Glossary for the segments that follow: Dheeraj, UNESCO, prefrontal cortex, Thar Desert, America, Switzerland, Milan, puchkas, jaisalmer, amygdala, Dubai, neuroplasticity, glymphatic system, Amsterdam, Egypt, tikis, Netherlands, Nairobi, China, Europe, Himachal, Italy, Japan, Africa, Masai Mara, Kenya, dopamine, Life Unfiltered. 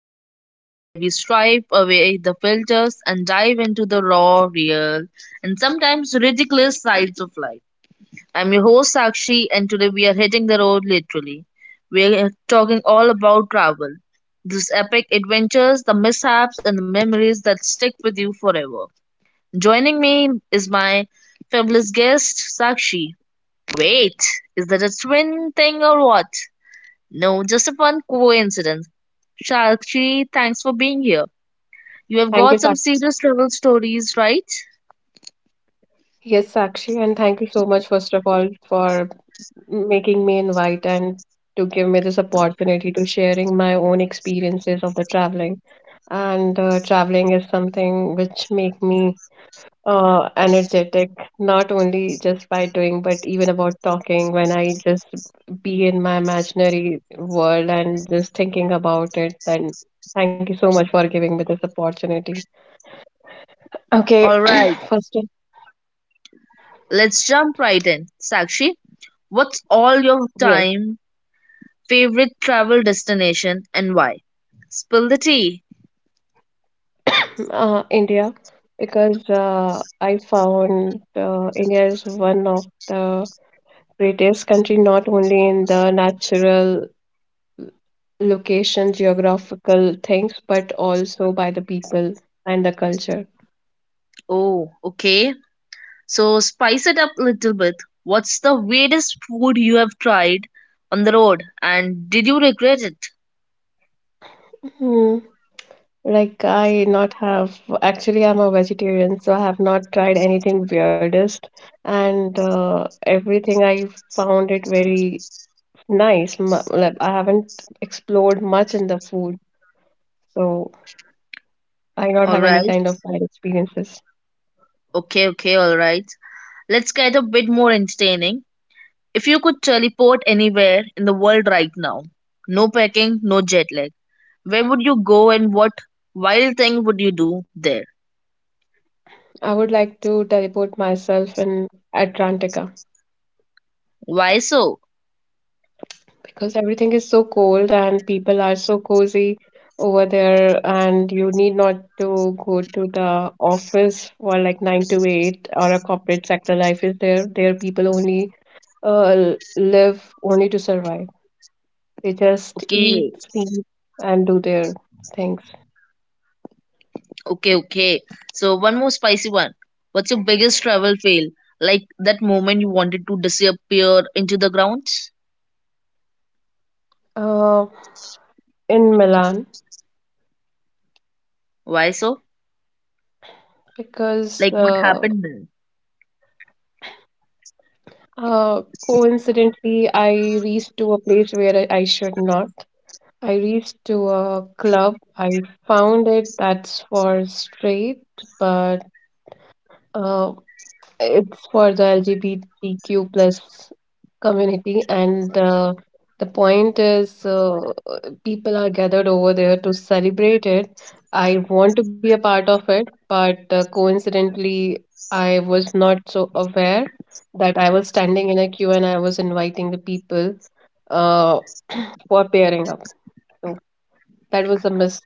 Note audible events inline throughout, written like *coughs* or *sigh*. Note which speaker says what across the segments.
Speaker 1: podcast where we stripe away the filters and dive into the raw, real, and sometimes ridiculous sides of life. I'm your host Sakshi, and today we are hitting the road literally. We're talking all about travel, these epic adventures, the mishaps, and the memories that stick with you forever. Joining me is my fabulous guest, Sakshi. Wait, is that a twin thing or what? No, just a fun coincidence. Shakshi, thanks for being here. You have
Speaker 2: Thank you,
Speaker 1: got some
Speaker 2: Sakshi.
Speaker 1: serious travel stories, right?
Speaker 2: Yes, Sakshi, and thank you so much, first of all, for making me invite and to give me this opportunity to sharing my own experiences of the traveling. And traveling is something which make me energetic, not only just by doing, but even about talking when I just be in my imaginary world and just thinking about it. Then thank you so much for giving me this opportunity. Okay.
Speaker 1: Alright,
Speaker 2: *clears throat* first, of-
Speaker 1: let's jump right in. Sakshi, what's all
Speaker 2: yes.
Speaker 1: your time favorite travel destination and why? Spill the tea.
Speaker 2: *coughs* India, because I found India is one of the greatest country not only in the natural location, geographical things, but also by the people and the culture.
Speaker 1: Oh, okay. So spice it up a little bit. What's the weirdest food you have tried on the road and did you regret it?
Speaker 2: Hmm. Like I not have actually, I'm a vegetarian, so I have not tried anything weirdest, and everything I found it very nice. Like, I haven't explored much in the food, so I not have any kind
Speaker 1: Alright,
Speaker 2: of bad experiences.
Speaker 1: okay, okay, alright. Let's get a bit more entertaining. If you could teleport anywhere in the world right now, no packing, no jet lag, where would you go and what wild thing would you do there?
Speaker 2: I would like to teleport myself in Atlantica
Speaker 1: Why so?
Speaker 2: because everything is so cold and people are so cozy over there, and you need not to go to the office for like 9 to 8 or a corporate sector life is there. There people only live only to survive. They just
Speaker 1: Okay,
Speaker 2: eat, sleep and do their things.
Speaker 1: okay, okay. So, one more spicy one. What's your biggest travel fail? Like that moment you wanted to disappear into the ground?
Speaker 2: Uh, in Milan,
Speaker 1: Why so?
Speaker 2: because
Speaker 1: Like what happened then?
Speaker 2: Coincidentally, I reached to a place where I should not. I reached to a club. I found it that's for straight, but uh, it's for the LGBTQ plus community. And the point is, people are gathered over there to celebrate it. I want to be a part of it, but coincidentally, I was not so aware that I was standing in a queue and I was inviting the people uh, for pairing up. So that was a miss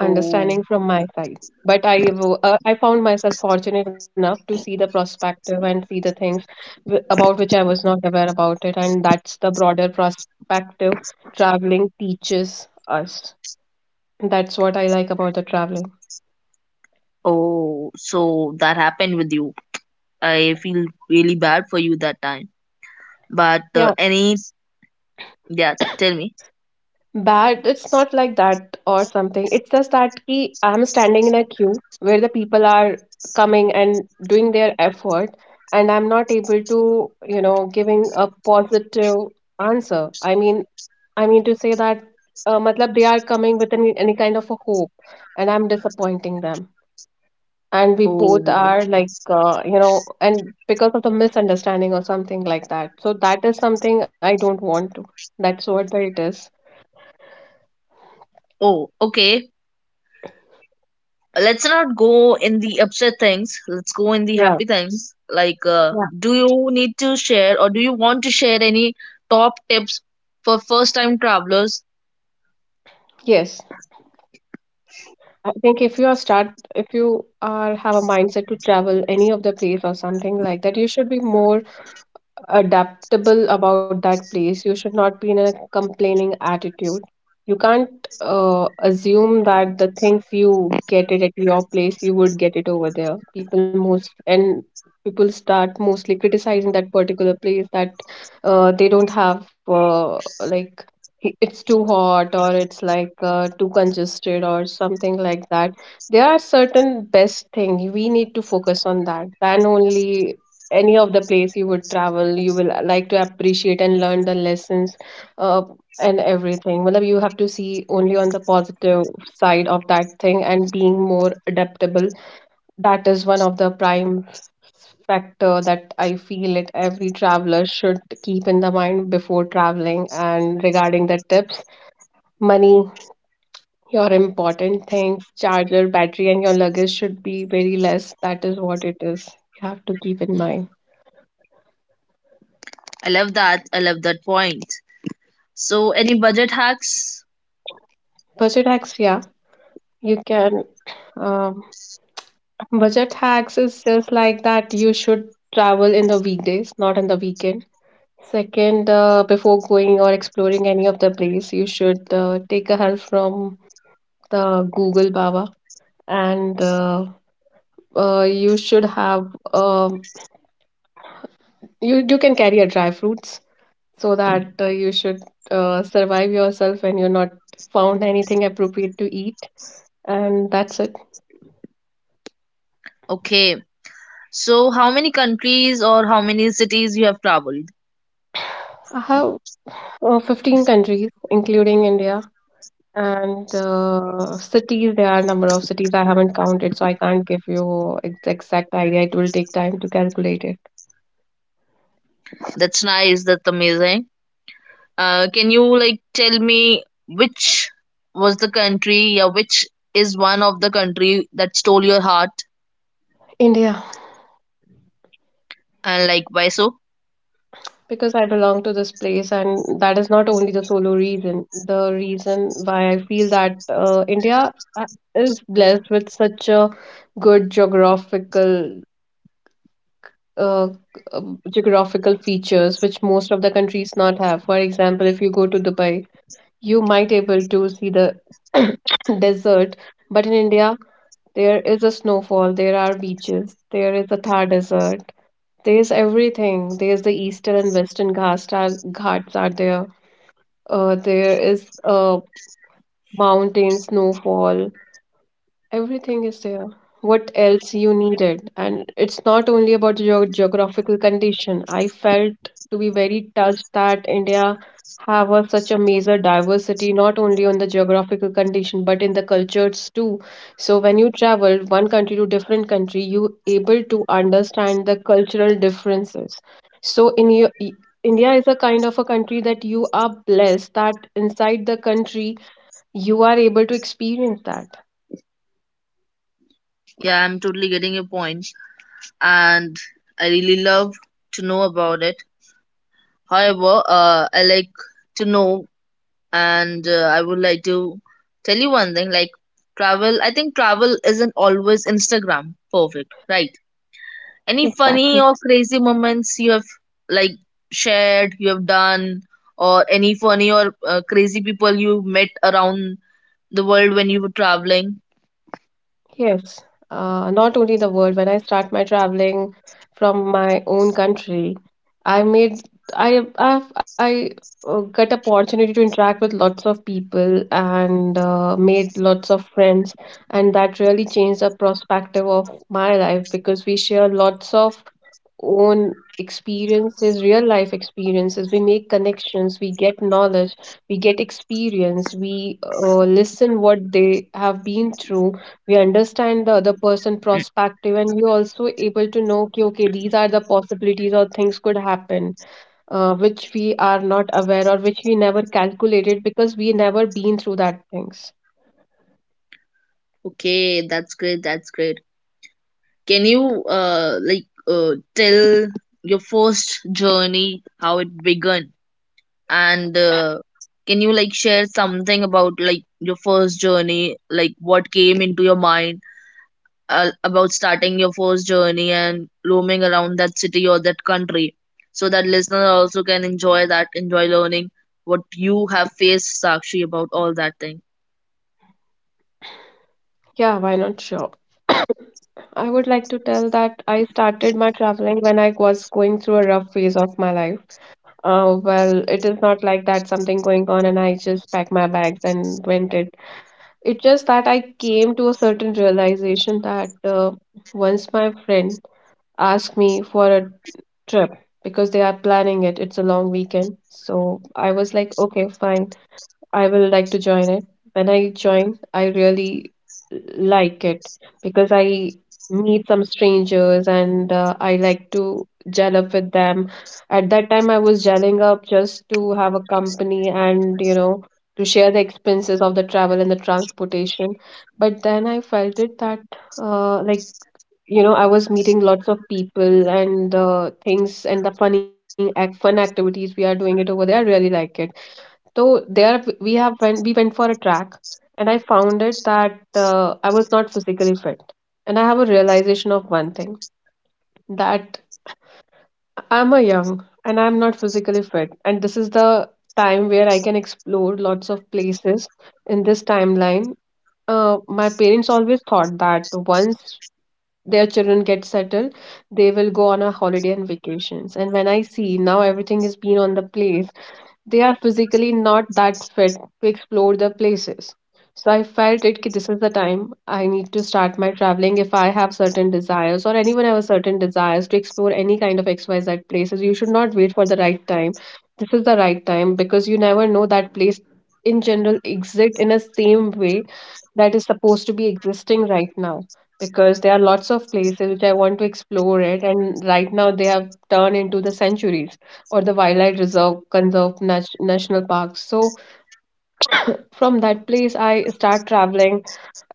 Speaker 1: Oh,
Speaker 2: from my side. But I found myself fortunate enough to see the perspective and see the things about which I was not aware about it, and that's the broader perspective traveling teaches us. That's what I like about the traveling.
Speaker 1: oh, so that happened with you. I feel really bad for you that time. But
Speaker 2: Yeah,
Speaker 1: any, yeah, tell me.
Speaker 2: bad. It's not like that or something. It's just that ki, I'm standing in a queue where the people are coming and doing their effort, and I'm not able to giving a positive answer. I mean to say that, matlab they are coming with any kind of a hope, and I'm disappointing them. And we both
Speaker 1: Oh,
Speaker 2: are like, and because of the misunderstanding or something like that. So that is something I don't want to. That's what it is.
Speaker 1: Oh, okay. Let's not go in the upset things. Let's go in the
Speaker 2: Yeah.
Speaker 1: happy things. Like,
Speaker 2: Yeah.
Speaker 1: do you need to share or do you want to share any top tips for first time travelers?
Speaker 2: Yes. I think if you are have a mindset to travel any of the place or something like that, you should be more adaptable about that place. You should not be in a complaining attitude. You can't assume that the thing if you get it at your place, you would get it over there. People start mostly criticizing that particular place that they don't have like, it's too hot, or it's like too congested or something like that. There are certain best thing we need to focus on that, than only any of the place you would travel, you will like to appreciate and learn the lessons, uh, and everything मतलब you have to see only on the positive side of that thing, and being more adaptable, that is one of the prime factor that I feel it every traveler should keep in the mind before traveling. And regarding the tips, money, your important things, charger, battery, and your luggage should be very less. That is what it is, you have to keep in mind.
Speaker 1: I love that. I love that point. So, any budget hacks?
Speaker 2: Budget hacks, yeah. You can. Um, Budget hacks is just like that. You should travel in the weekdays, not on the weekend. Second, before going or exploring any of the place, you should take a help from the Google Baba, and you should have, um, you can carry a dry fruits so that you should survive yourself when you're not found anything appropriate to eat, and that's it.
Speaker 1: Okay. So, how many countries or how many cities you have traveled?
Speaker 2: *sighs* I have 15 countries, including India. And cities, there are a number of cities I haven't counted, so I can't give you exact idea. It will take time to calculate it.
Speaker 1: That's nice. That's amazing. Can you like tell me which was the country or which is one of the country that stole your heart?
Speaker 2: India,
Speaker 1: And like why so?
Speaker 2: because I belong to this place, and that is not only the solo reason. The reason why I feel that India is blessed with such a good geographical uh, uh, geographical features, which most of the countries not have. For example, if you go to Dubai, you might able to see the *clears throat* *coughs* desert. But in India, there is a snowfall, there are beaches, there is a Thar Desert, there's everything. There's the eastern and western ghats are there. There is mountain snowfall. Everything is there. What else you needed? And it's not only about your geographical condition. I felt to be very touched that India have a, such a major diversity, not only on the geographical condition, but in the cultures too. So when you travel one country to different country, you able to understand the cultural differences. So in India is a kind of a country that you are blessed that inside the country you are able to experience that.
Speaker 1: Yeah, I'm totally getting your points, and I really love to know about it. However, I like to know, and I would like to tell you one thing like travel, I think travel isn't always Instagram perfect, right? Any
Speaker 2: Exactly.
Speaker 1: funny or crazy moments you have, like shared, you have done, or any funny or crazy people you met around the world when you were traveling?
Speaker 2: Yes, not only the world. When I start my traveling from my own country, I made I I've, I got opportunity to interact with lots of people and made lots of friends, and that really changed the perspective of my life because we share lots of own experiences, real life experiences. We make connections, we get knowledge, we get experience, we listen what they have been through, we understand the other person perspective, and we're also able to know, okay, okay, these are the possibilities or things could happen, which we are not aware or which we never calculated because we never been through that things.
Speaker 1: Okay, that's great, that's great. Can you like tell your first journey how it began, and can you like share something about like your first journey, like what came into your mind about starting your first journey and roaming around that city or that country, so that listener also can enjoy that, enjoy learning what you have faced, Sakshi, about all that thing?
Speaker 2: Yeah, why not? Sure. I would like to tell that I started my traveling when I was going through a rough phase of my life. Well, it is not like that something going on and I just packed my bags and went it. It's just that I came to a certain realization that once my friend asked me for a trip because they are planning it, it's a long weekend. So I was like, okay, fine. I will like to join it. When I join, I really like it because I meet some strangers and I like to gel up with them. At that time, I was gelling up just to have a company and, you know, to share the expenses of the travel and the transportation. But then I felt it that, like, you know, I was meeting lots of people and things, and the fun activities we are doing it over there. I really like it. So there we went for a track, and I found it that I was not physically fit. And I have a realization of one thing, that I'm a young and I'm not physically fit. And this is the time where I can explore lots of places in this timeline. My parents always thought that once their children get settled, they will go on a holiday and vacations. And when I see now everything is being on the place, they are physically not that fit to explore the places. So I felt it ki, this is the time I need to start my traveling. If I have certain desires, or anyone have a certain desires to explore any kind of XYZ places, you should not wait for the right time. This is the right time because you never know that place in general exist in a same way that is supposed to be existing right now, because there are lots of places which I want to explore it and right now they have turned into the centuries or the wildlife reserve, conserve national parks. So from that place, I start traveling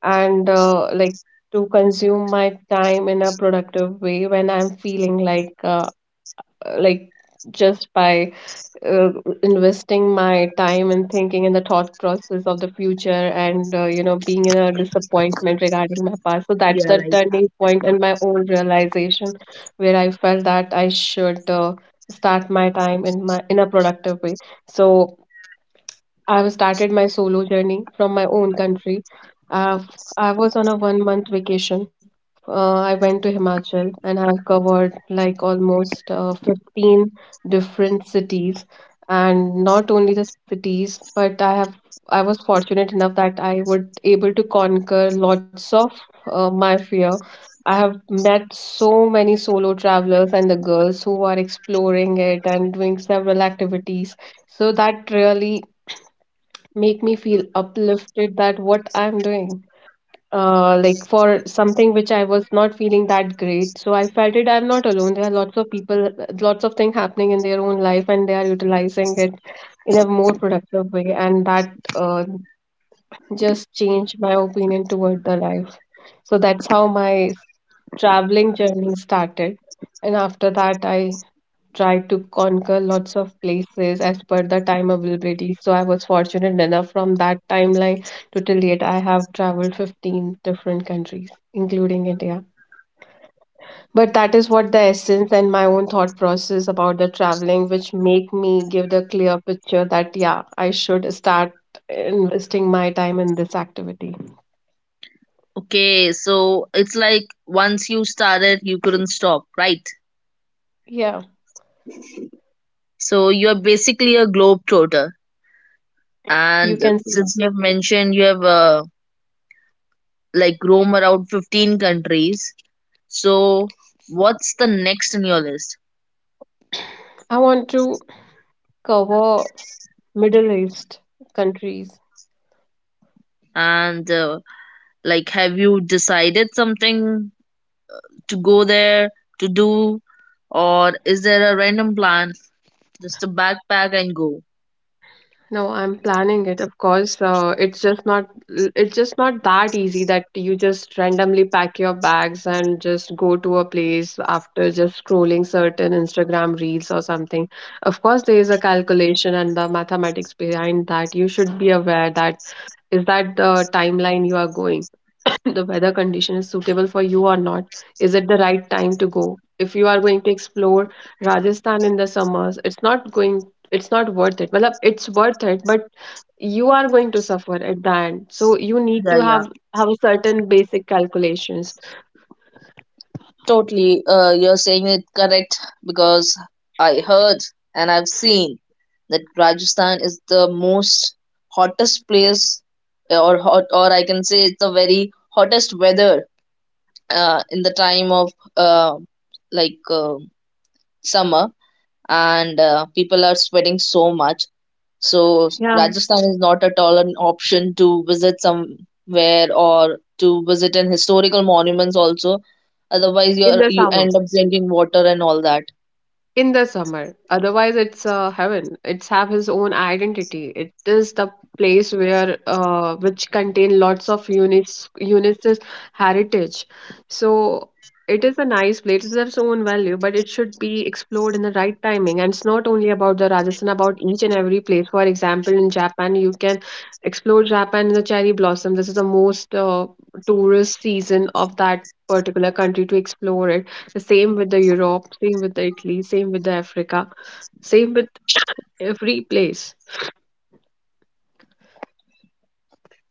Speaker 2: and like, to consume my time in a productive way, when I'm feeling like just by uh, investing my time and thinking in the thought process of the future, and you know, being in a disappointment regarding my past. So that's
Speaker 1: Yeah,
Speaker 2: the
Speaker 1: right.
Speaker 2: turning point and my own realization, where I felt that I should start my time in my in a productive way. So I've started my solo journey from my own country. I've, I was on a 1 month vacation. I went to Himachal and I've covered like almost 15 different cities. And not only the cities, but I was fortunate enough that I would able to conquer lots of my fear. I have met so many solo travelers and the girls who are exploring it and doing several activities. So that really make me feel uplifted that what I'm doing. Like for something which I was not feeling that great. So I felt it I'm not alone. There are lots of people, lots of things happening in their own life, and they are utilizing it in a more productive way. And that just changed my opinion toward the life. So that's how my traveling journey started. And after that, I try to conquer lots of places as per the time availability. So I was fortunate enough from that timeline to till yet I have traveled 15 different countries, including India. But that is what the essence and my own thought process about the traveling, which make me give the clear picture that yeah, I should start investing my time in this activity.
Speaker 1: Okay, so it's like once you started you couldn't stop, right?
Speaker 2: Yeah,
Speaker 1: So you're basically a globetrotter.
Speaker 2: you
Speaker 1: And
Speaker 2: can see that.
Speaker 1: since you have mentioned you have like roam around 15 countries, so what's the next in your list?
Speaker 2: I want to cover Middle East countries.
Speaker 1: And like, have you decided something to go there to do, or is there a random plan just to backpack and go?
Speaker 2: No, I'm planning it. Of course, it's just not that easy that you just randomly pack your bags and just go to a place after just scrolling certain Instagram reels or something. Of course, there is a calculation and the mathematics behind that. You should be aware that is that the timeline you are going, *coughs* *clears throat* the weather condition is suitable for you or not. Is it the right time to go? If you are going to explore Rajasthan in the summers, it's not going. It's not worth it. Well, it's worth it, but you are going to suffer at the end, so you need
Speaker 1: Yeah,
Speaker 2: to
Speaker 1: yeah.
Speaker 2: have a certain basic calculations
Speaker 1: Totally, you're saying it correct because I heard and I've seen that Rajasthan is the most hottest place, or hot, or I can say it's the very hottest weather in the time of like summer, and people are sweating so much. So Rajasthan is not at all an option to visit somewhere or to visit an historical monuments also. Otherwise, you
Speaker 2: in the
Speaker 1: you
Speaker 2: summer
Speaker 1: end up drinking water and all that.
Speaker 2: in the summer. Otherwise, it's heaven. It's have his own identity. It is the place where which contain lots of UNESCO's heritage. So it is a nice place. It has its own value, but it should be explored in the right timing. And it's not only about the Rajasthan, about each and every place. For example, in Japan, you can explore Japan in the cherry blossom. This is the most tourist season of that particular country to explore it, the same with the Europe, same with the Italy, same with the Africa, same with every place.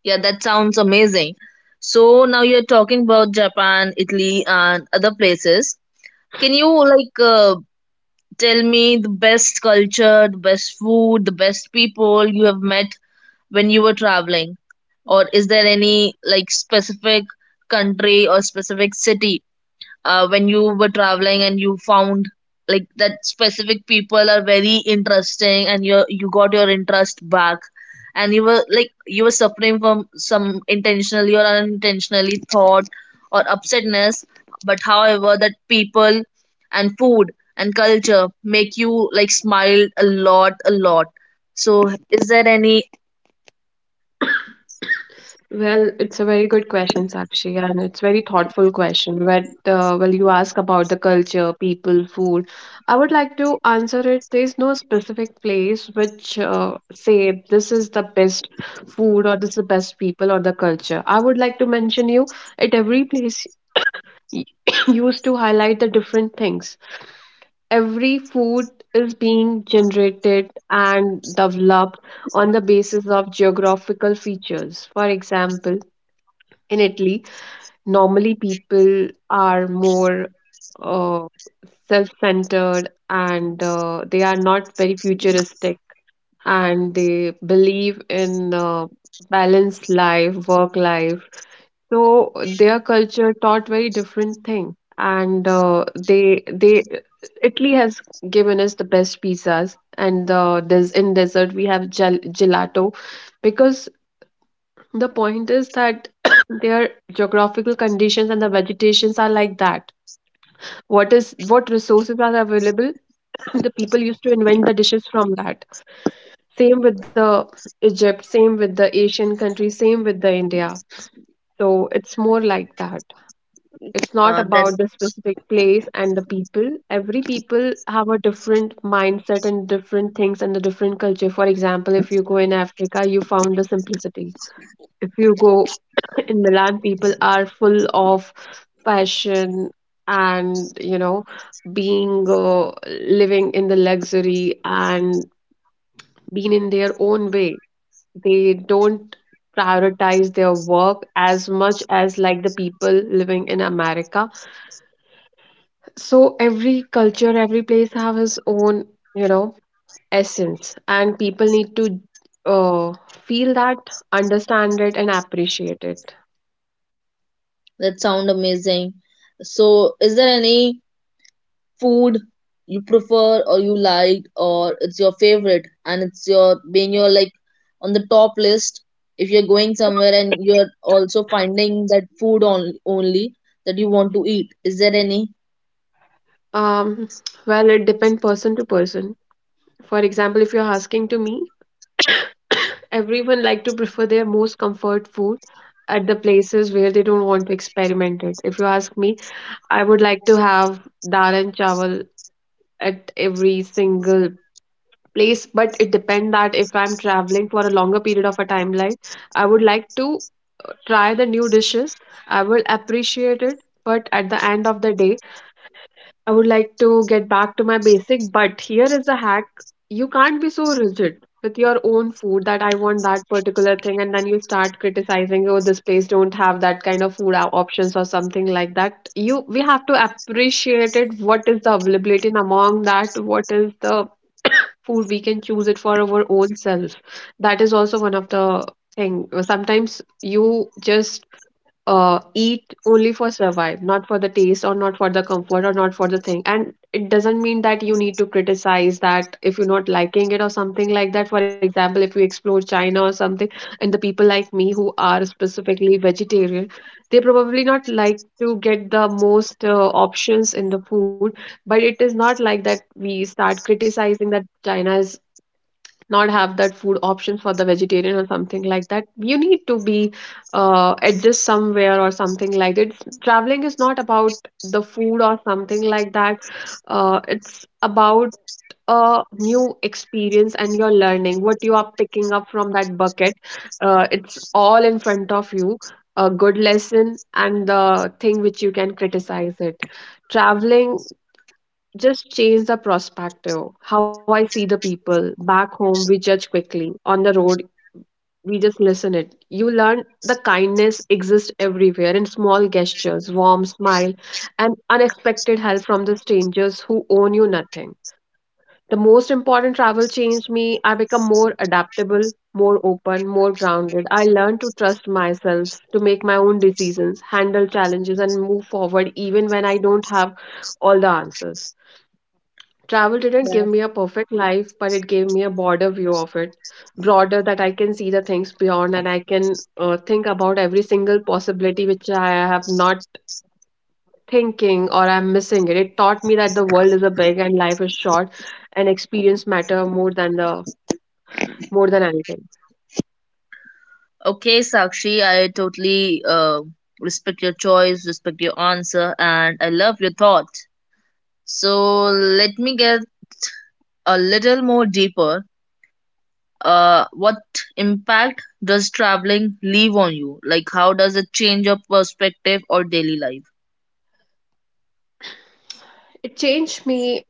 Speaker 1: Yeah, that sounds amazing. So now you're talking about Japan, Italy, and other places. Can you like tell me the best culture, the best food, the best people you have met when you were traveling? Or is there any like specific country or specific city when you were traveling and you found like that specific people are very interesting and you got your interest back, and you were like you were suffering from some intentionally or unintentionally thought or upsetness, but however that people and food and culture make you like smile a lot a lot? So is there any?
Speaker 2: Well, it's a very good question, Sakshi, and it's very thoughtful question. But well, you ask about the culture, people, food. I would like to answer it. There's no specific place which say this is the best food or this is the best people or the culture. I would like to mention you, at every place *coughs* used to highlight the different things, every food is being generated and developed on the basis of geographical features. For example, in Italy, normally people are more uh, self centered, and they are not very futuristic, and they believe in balanced life, work life, so their culture taught very different thing, and they Italy has given us the best pizzas, and des in dessert we have gelato, because the point is that *coughs* their geographical conditions and the vegetations are like that. What resources are available? *coughs* The people used to invent the dishes from that. Same with the Egypt, same with the Asian countries, same with the India. So it's more like that. It's not
Speaker 1: uh, that
Speaker 2: about the specific place and the people. Every people have a different mindset and different things and the different culture. For example, if you go in Africa, you found the simplicity. If you go *coughs* *clears throat* in Milan, people are full of passion and being living in the luxury and being in their own way. They don't prioritize their work as much as like the people living in America, so every culture, every place have its own you know essence, and people need to uh, feel that, understand it and appreciate it.
Speaker 1: that sound amazing. So is there any food you prefer or you like, or it's your favorite and it's your being your like on the top list, if you're going somewhere and you're also finding that food on, only that you want to eat, is there any
Speaker 2: Um well, it depends person to person. For example, if you're asking to me, everyone like to prefer their most comfort food at the places where they don't want to experiment it. If you ask me, I would like to have dal and chawal at every single place. But it depend that if I'm traveling for a longer period of a timeline, I would like to try the new dishes. I will appreciate it. But at the end of the day, I would like to get back to my basic. But here is a hack, you can't be so rigid with your own food that I want that particular thing and then you start criticizing, oh, this place don't have that kind of food options or something like that. You we have to appreciate it, what is the availability and among that what is the food we can choose it for our own self. That is also one of the thing. Sometimes you just eat only for survive, not for the taste or not for the comfort or not for the thing, and it doesn't mean that you need to criticize that if you're not liking it or something like that. For example, if you explore China or something, and the people like me who are specifically vegetarian, they probably not like to get the most options in the food. But it is not like that we start criticizing that China is not have that food options for the vegetarian or something like that. You need to be adjust somewhere or something like that. Traveling is not about the food or something like that. It's about a new experience, and you're learning what you are picking up from that bucket. It's all in front of you, a good lesson and the thing which you can criticize it. Traveling just change the perspective. How I see the people back home, we judge quickly. On the road, we just listen it. You learn the kindness exists everywhere in small gestures, warm smile, and unexpected help from the strangers who owe you nothing. The most important travel changed me. I become more adaptable, more open, more grounded. I learned to trust myself, to make my own decisions, handle challenges, and move forward even when I don't have all the answers. Travel didn't give
Speaker 1: that?
Speaker 2: me a perfect life, but it gave me a broader view of it, broader that I can see the things beyond, and I can think about every single possibility which I have not thinking or I'm missing it. It taught me that the world is a big and life is short, and experience matter more than anything.
Speaker 1: Okay, Sakshi, I totally respect your choice, respect your answer, and I love your thought. So let me get a little more deeper. What impact does traveling leave on you? Like, how does it change your perspective or daily life?
Speaker 2: It changed me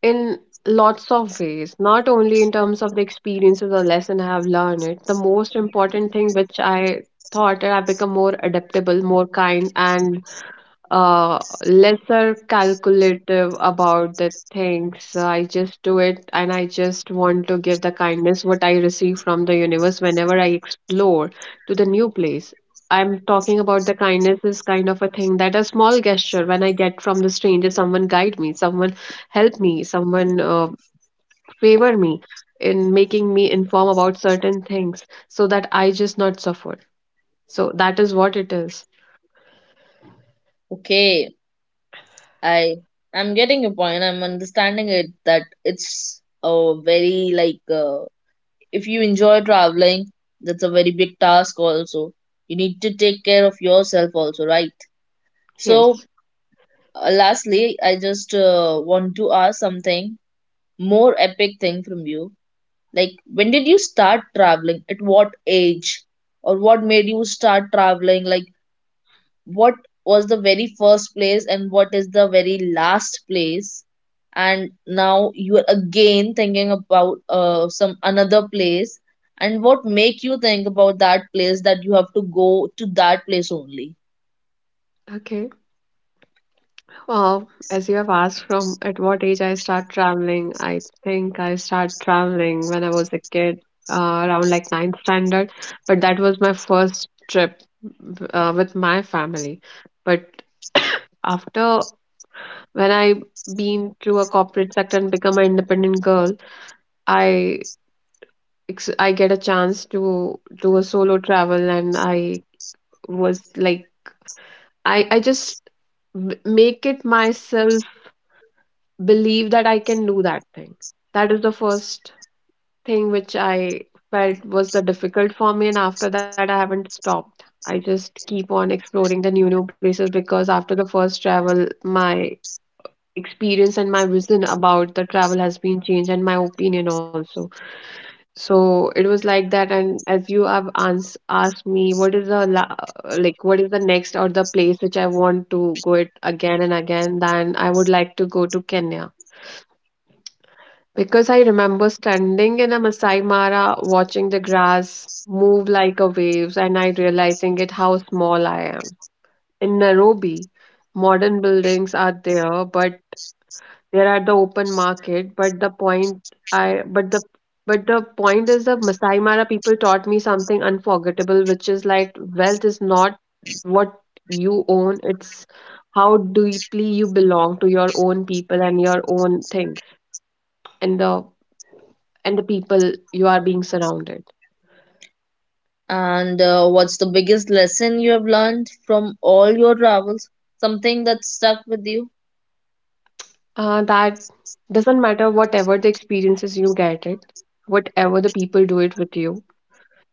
Speaker 2: in lots of ways, not only in terms of the experiences or lesson I have learned it. The most important thing which I thought that I've become more adaptable, more kind, and uh, lesser calculative about the things. I just do it, and I just want to give the kindness what I receive from the universe whenever I explore to the new place. I'm talking about the kindness is kind of a thing that a small gesture when I get from the stranger, someone guide me, someone help me, someone favor me in making me inform about certain things so that I just not suffer. So that is what it is.
Speaker 1: Okay, I I'm getting your point. I'm understanding it that it's a very like if you enjoy traveling, that's a very big task. Also, you need to take care of yourself also, right? So,
Speaker 2: Yes.
Speaker 1: lastly, I just want to ask something more epic thing from you. Like, when did you start traveling? At what age? Or what made you start traveling? Like, what was the very first place and what is the very last place? And now you are again thinking about some another place. And what make you think about that place that you have to go to that place only?
Speaker 2: Okay. Well, as you have asked from at what age I start traveling, I think I start traveling when I was a kid, around like ninth standard. But that was my first trip with my family. But after when I been through a corporate sector and become an independent girl, I I get a chance to do a solo travel, and I was like I just m- make it myself believe that I can do that thing. That is the first thing which I felt was the difficult for me, and after that, I haven't stopped. I just keep on exploring the new places because after the first travel, my experience and my vision about the travel has been changed and my opinion also, so it was like that. And as you have asked me what is the like, what is the next or the place which I want to go it again and again, then I would like to go to Kenya. Because I remember standing in a Masai Mara watching the grass move like a waves and I realizing it how small I am. In Nairobi, modern buildings are there, but there are the open market, but the point I but the point is the Masai Mara people taught me something unforgettable, which is like wealth is not what you own, it's how deeply you belong to your own people and your own things. And the and the people you are being surrounded.
Speaker 1: And what's the biggest lesson you have learned from all your travels? Something that stuck with you?
Speaker 2: That doesn't matter whatever the experiences you get it, whatever the people do it with you,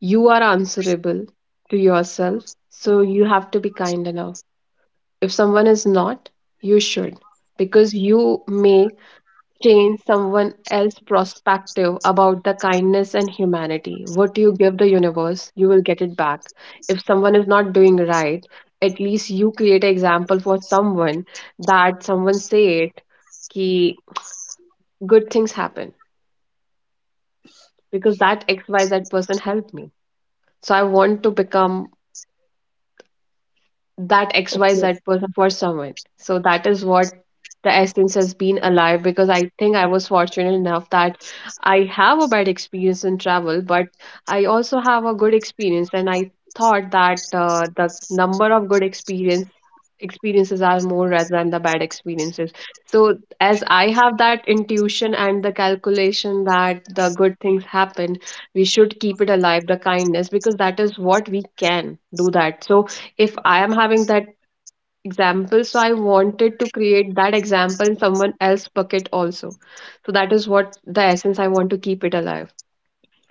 Speaker 2: you are answerable to yourself. So you have to be kind enough. If someone is not, you should because you make change someone else's perspective about the kindness and humanity. What you give the universe, you will get it back. If someone is not doing right, at least you create an example for someone that someone say it ki good things happen because that XYZ person helped me. So I want to become that
Speaker 1: Okay,
Speaker 2: XYZ person for someone. So that is what the essence has been alive because I think I was fortunate enough that I have a bad experience in travel, but I also have a good experience. And I thought that the number of good experience experiences are more rather than the bad experiences. So as I have that intuition and the calculation that the good things happen, we should keep it alive, the kindness, because that is what we can do that. So if I am having that example, so I wanted to create that example in someone else's bucket also. So that is what the essence I want to keep it alive.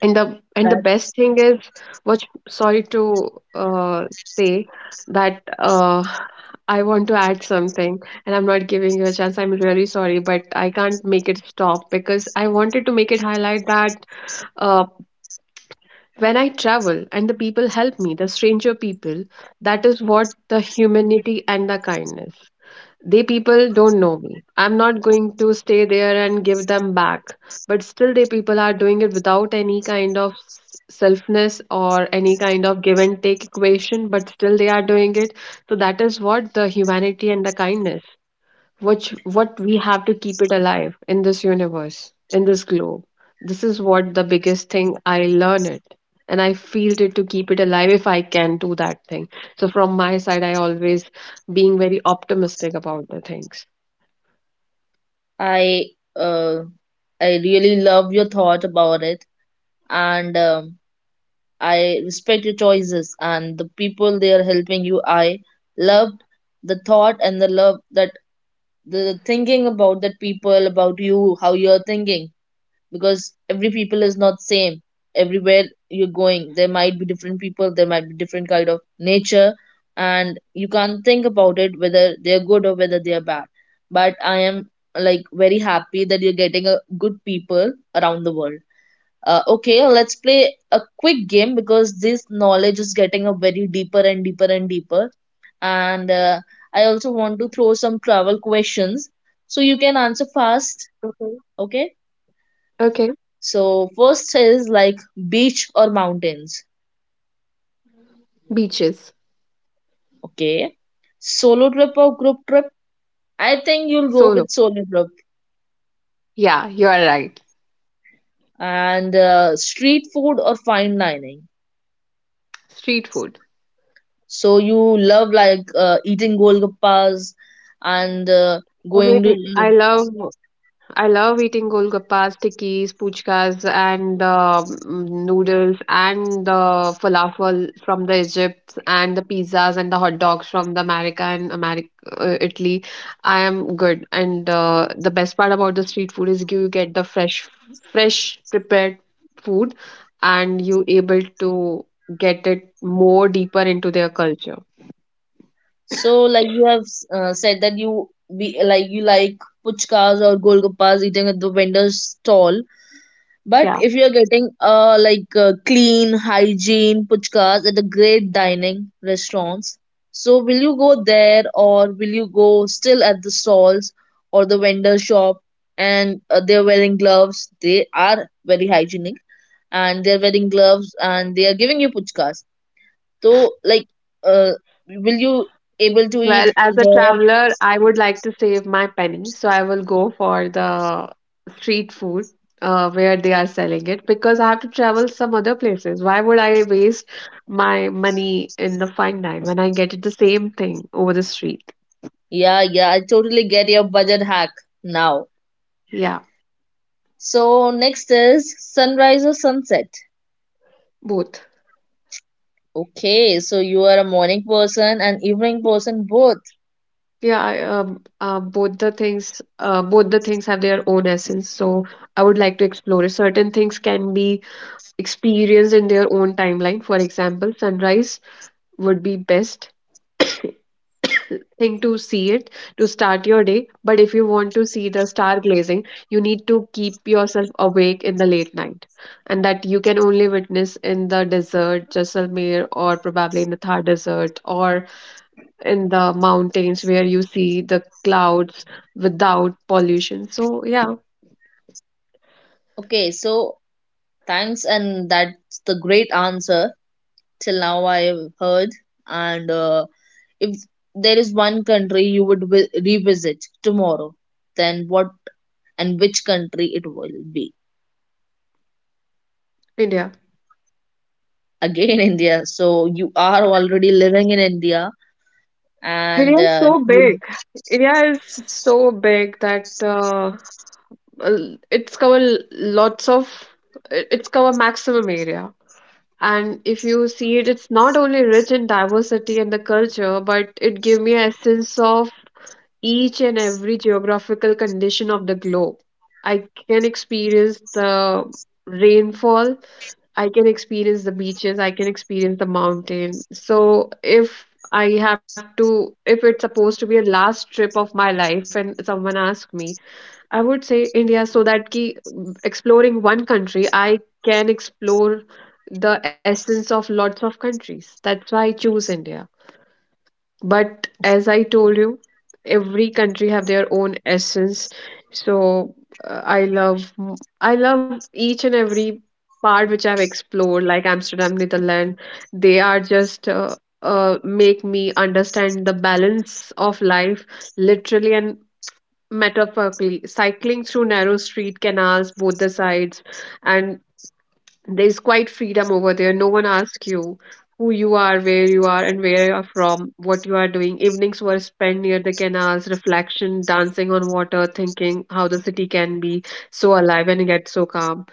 Speaker 2: And the best thing is, what sorry to say that I want to add something, and I'm not giving you a chance. I'm really sorry, but I can't make it stop because I wanted to make it highlight that uh, when I travel and the people help me, the stranger people, that is what the humanity and the kindness. They people don't know me. I'm not going to stay there and give them back. But still, they people are doing it without any kind of selfness or any kind of give and take equation, but still they are doing it. So that is what the humanity and the kindness which what we have to keep it alive in this universe in this globe, this is what the biggest thing I learn it, and I feel it to keep it alive if I can do that thing. So from my side, I always being very optimistic about the things.
Speaker 1: I uh, I really love your thought about it, and I respect your choices and the people they are helping you. I loved the thought and the love that the thinking about that people about you, how you are thinking, because every people is not same everywhere you're going. There might be different people, there might be different kind of nature, and you can't think about it whether they're good or whether they're bad. But I am like very happy that you're getting a good people around the world. Okay, let's play a quick game because this knowledge is getting a very deeper and deeper and deeper. And I also want to throw some travel questions so you can answer
Speaker 2: Okay.
Speaker 1: fast. Okay,
Speaker 2: Okay.
Speaker 1: so first is like beach or mountains.
Speaker 2: Beaches.
Speaker 1: Okay. Solo trip or group trip? I think you'll go
Speaker 2: Solo.
Speaker 1: with solo trip.
Speaker 2: Yeah, you are right.
Speaker 1: And street food or fine dining.
Speaker 2: Street food.
Speaker 1: So you love like eating golgappas and going to.
Speaker 2: Everything I love. I love eating golgappas, tikis, puchkas, and noodles, and the falafel from the Egypt, and the pizzas and the hot dogs from the America and America, Italy. I am good, and the best part about the street food is you get the fresh, fresh prepared food, and you able to get it more deeper into their culture.
Speaker 1: So like you have said that you be like you like puchkas or golgappas eating at the vendor's stall. But
Speaker 2: Yeah.
Speaker 1: if you're getting like clean hygiene puchkas at the great dining restaurants, so will you go there or will you go still at the stalls or the vendor shop, and they're wearing gloves? They are very hygienic and they're wearing gloves and they are giving you puchkas. So like uh will you able to eat
Speaker 2: Well, as a
Speaker 1: there?
Speaker 2: traveler, I would like to save my penny, so I will go for the street food where they are selling it because I have to travel some other places. Why would I waste my money in the fine dine when I get the same thing over the street?
Speaker 1: Yeah, yeah, I totally get your budget hack now.
Speaker 2: Yeah,
Speaker 1: So next is sunrise or sunset.
Speaker 2: both.
Speaker 1: Okay, so you are a morning person and evening person both.
Speaker 2: Yeah, I both the things have their own essence. So I would like to explore it. Certain things can be experienced in their own timeline. For example, sunrise would be best *coughs* thing to see it, to start your day. But if you want to see the star glazing, you need to keep yourself awake in the late night, and that you can only witness in the desert Jaisalmer or probably in the Thar Desert or in the mountains where you see the clouds without pollution. So yeah.
Speaker 1: Okay, so thanks, and that's the great answer till now I've heard. And if there is one country you would revisit tomorrow, then what and which country it will be?
Speaker 2: India.
Speaker 1: Again, *laughs* India. So you are already living in India, and
Speaker 2: India is so
Speaker 1: you
Speaker 2: big. India is so big that it's cover lots of it's cover maximum area. And if you see it, it's not only rich in diversity and the culture, but it gave me a sense of each and every geographical condition of the globe. I can experience the rainfall, I can experience the beaches, I can experience the mountain. So if I have to, if it's supposed to be a last trip of my life and someone asks me, I would say India, so that ki exploring one country, I can explore the essence of lots of countries. That's why I choose India. But as I told you, every country have their own essence. So I love each and every part which I've explored, like Amsterdam, Netherlands. They are just make me understand the balance of life literally and metaphorically, cycling through narrow street canals both the sides, and there's quite freedom over there. No one asks you who you are, where you are, and where you are from, what you are doing. Evenings were spent near the canals, reflection dancing on water, thinking how the city can be so alive and yet so calm.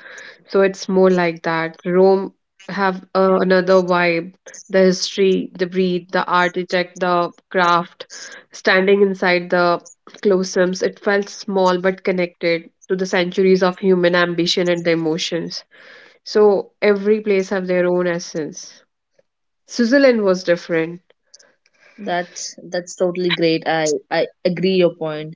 Speaker 2: So it's more like that. Rome have another vibe, the history, the breed, the architect, the craft. Standing inside the cloisters, it felt small but connected to the centuries of human ambition and the emotions. So every place have their own essence. Switzerland was different.
Speaker 1: that's totally great. I agree your point.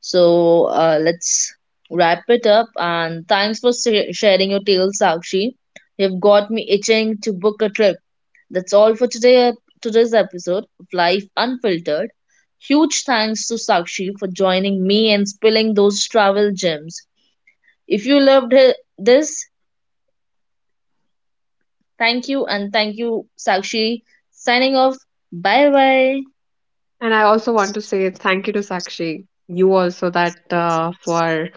Speaker 1: So let's wrap it up. And thanks for sharing your tales, Sakshi. You've got me itching to book a trip. That's all for today. Today's episode of Life Unfiltered. Huge thanks to Sakshi for joining me and spilling those travel gems. If you loved this, thank you, and thank you, Sakshi. Signing off. Bye bye.
Speaker 2: And I also want to say thank you to Sakshi, you also that for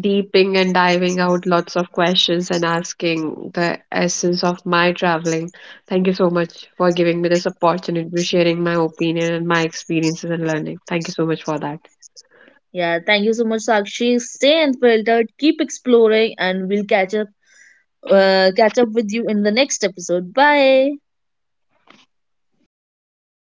Speaker 2: deeping and diving out lots of questions and asking the essence of my traveling. Thank you so much for giving me this opportunity to sharing my opinion and my experiences and learning. Thank you so much for that.
Speaker 1: Yeah, thank you so much, Sakshi. Stay unfiltered, keep exploring, and we'll catch up with you in the next episode. Bye.
Speaker 2: You too.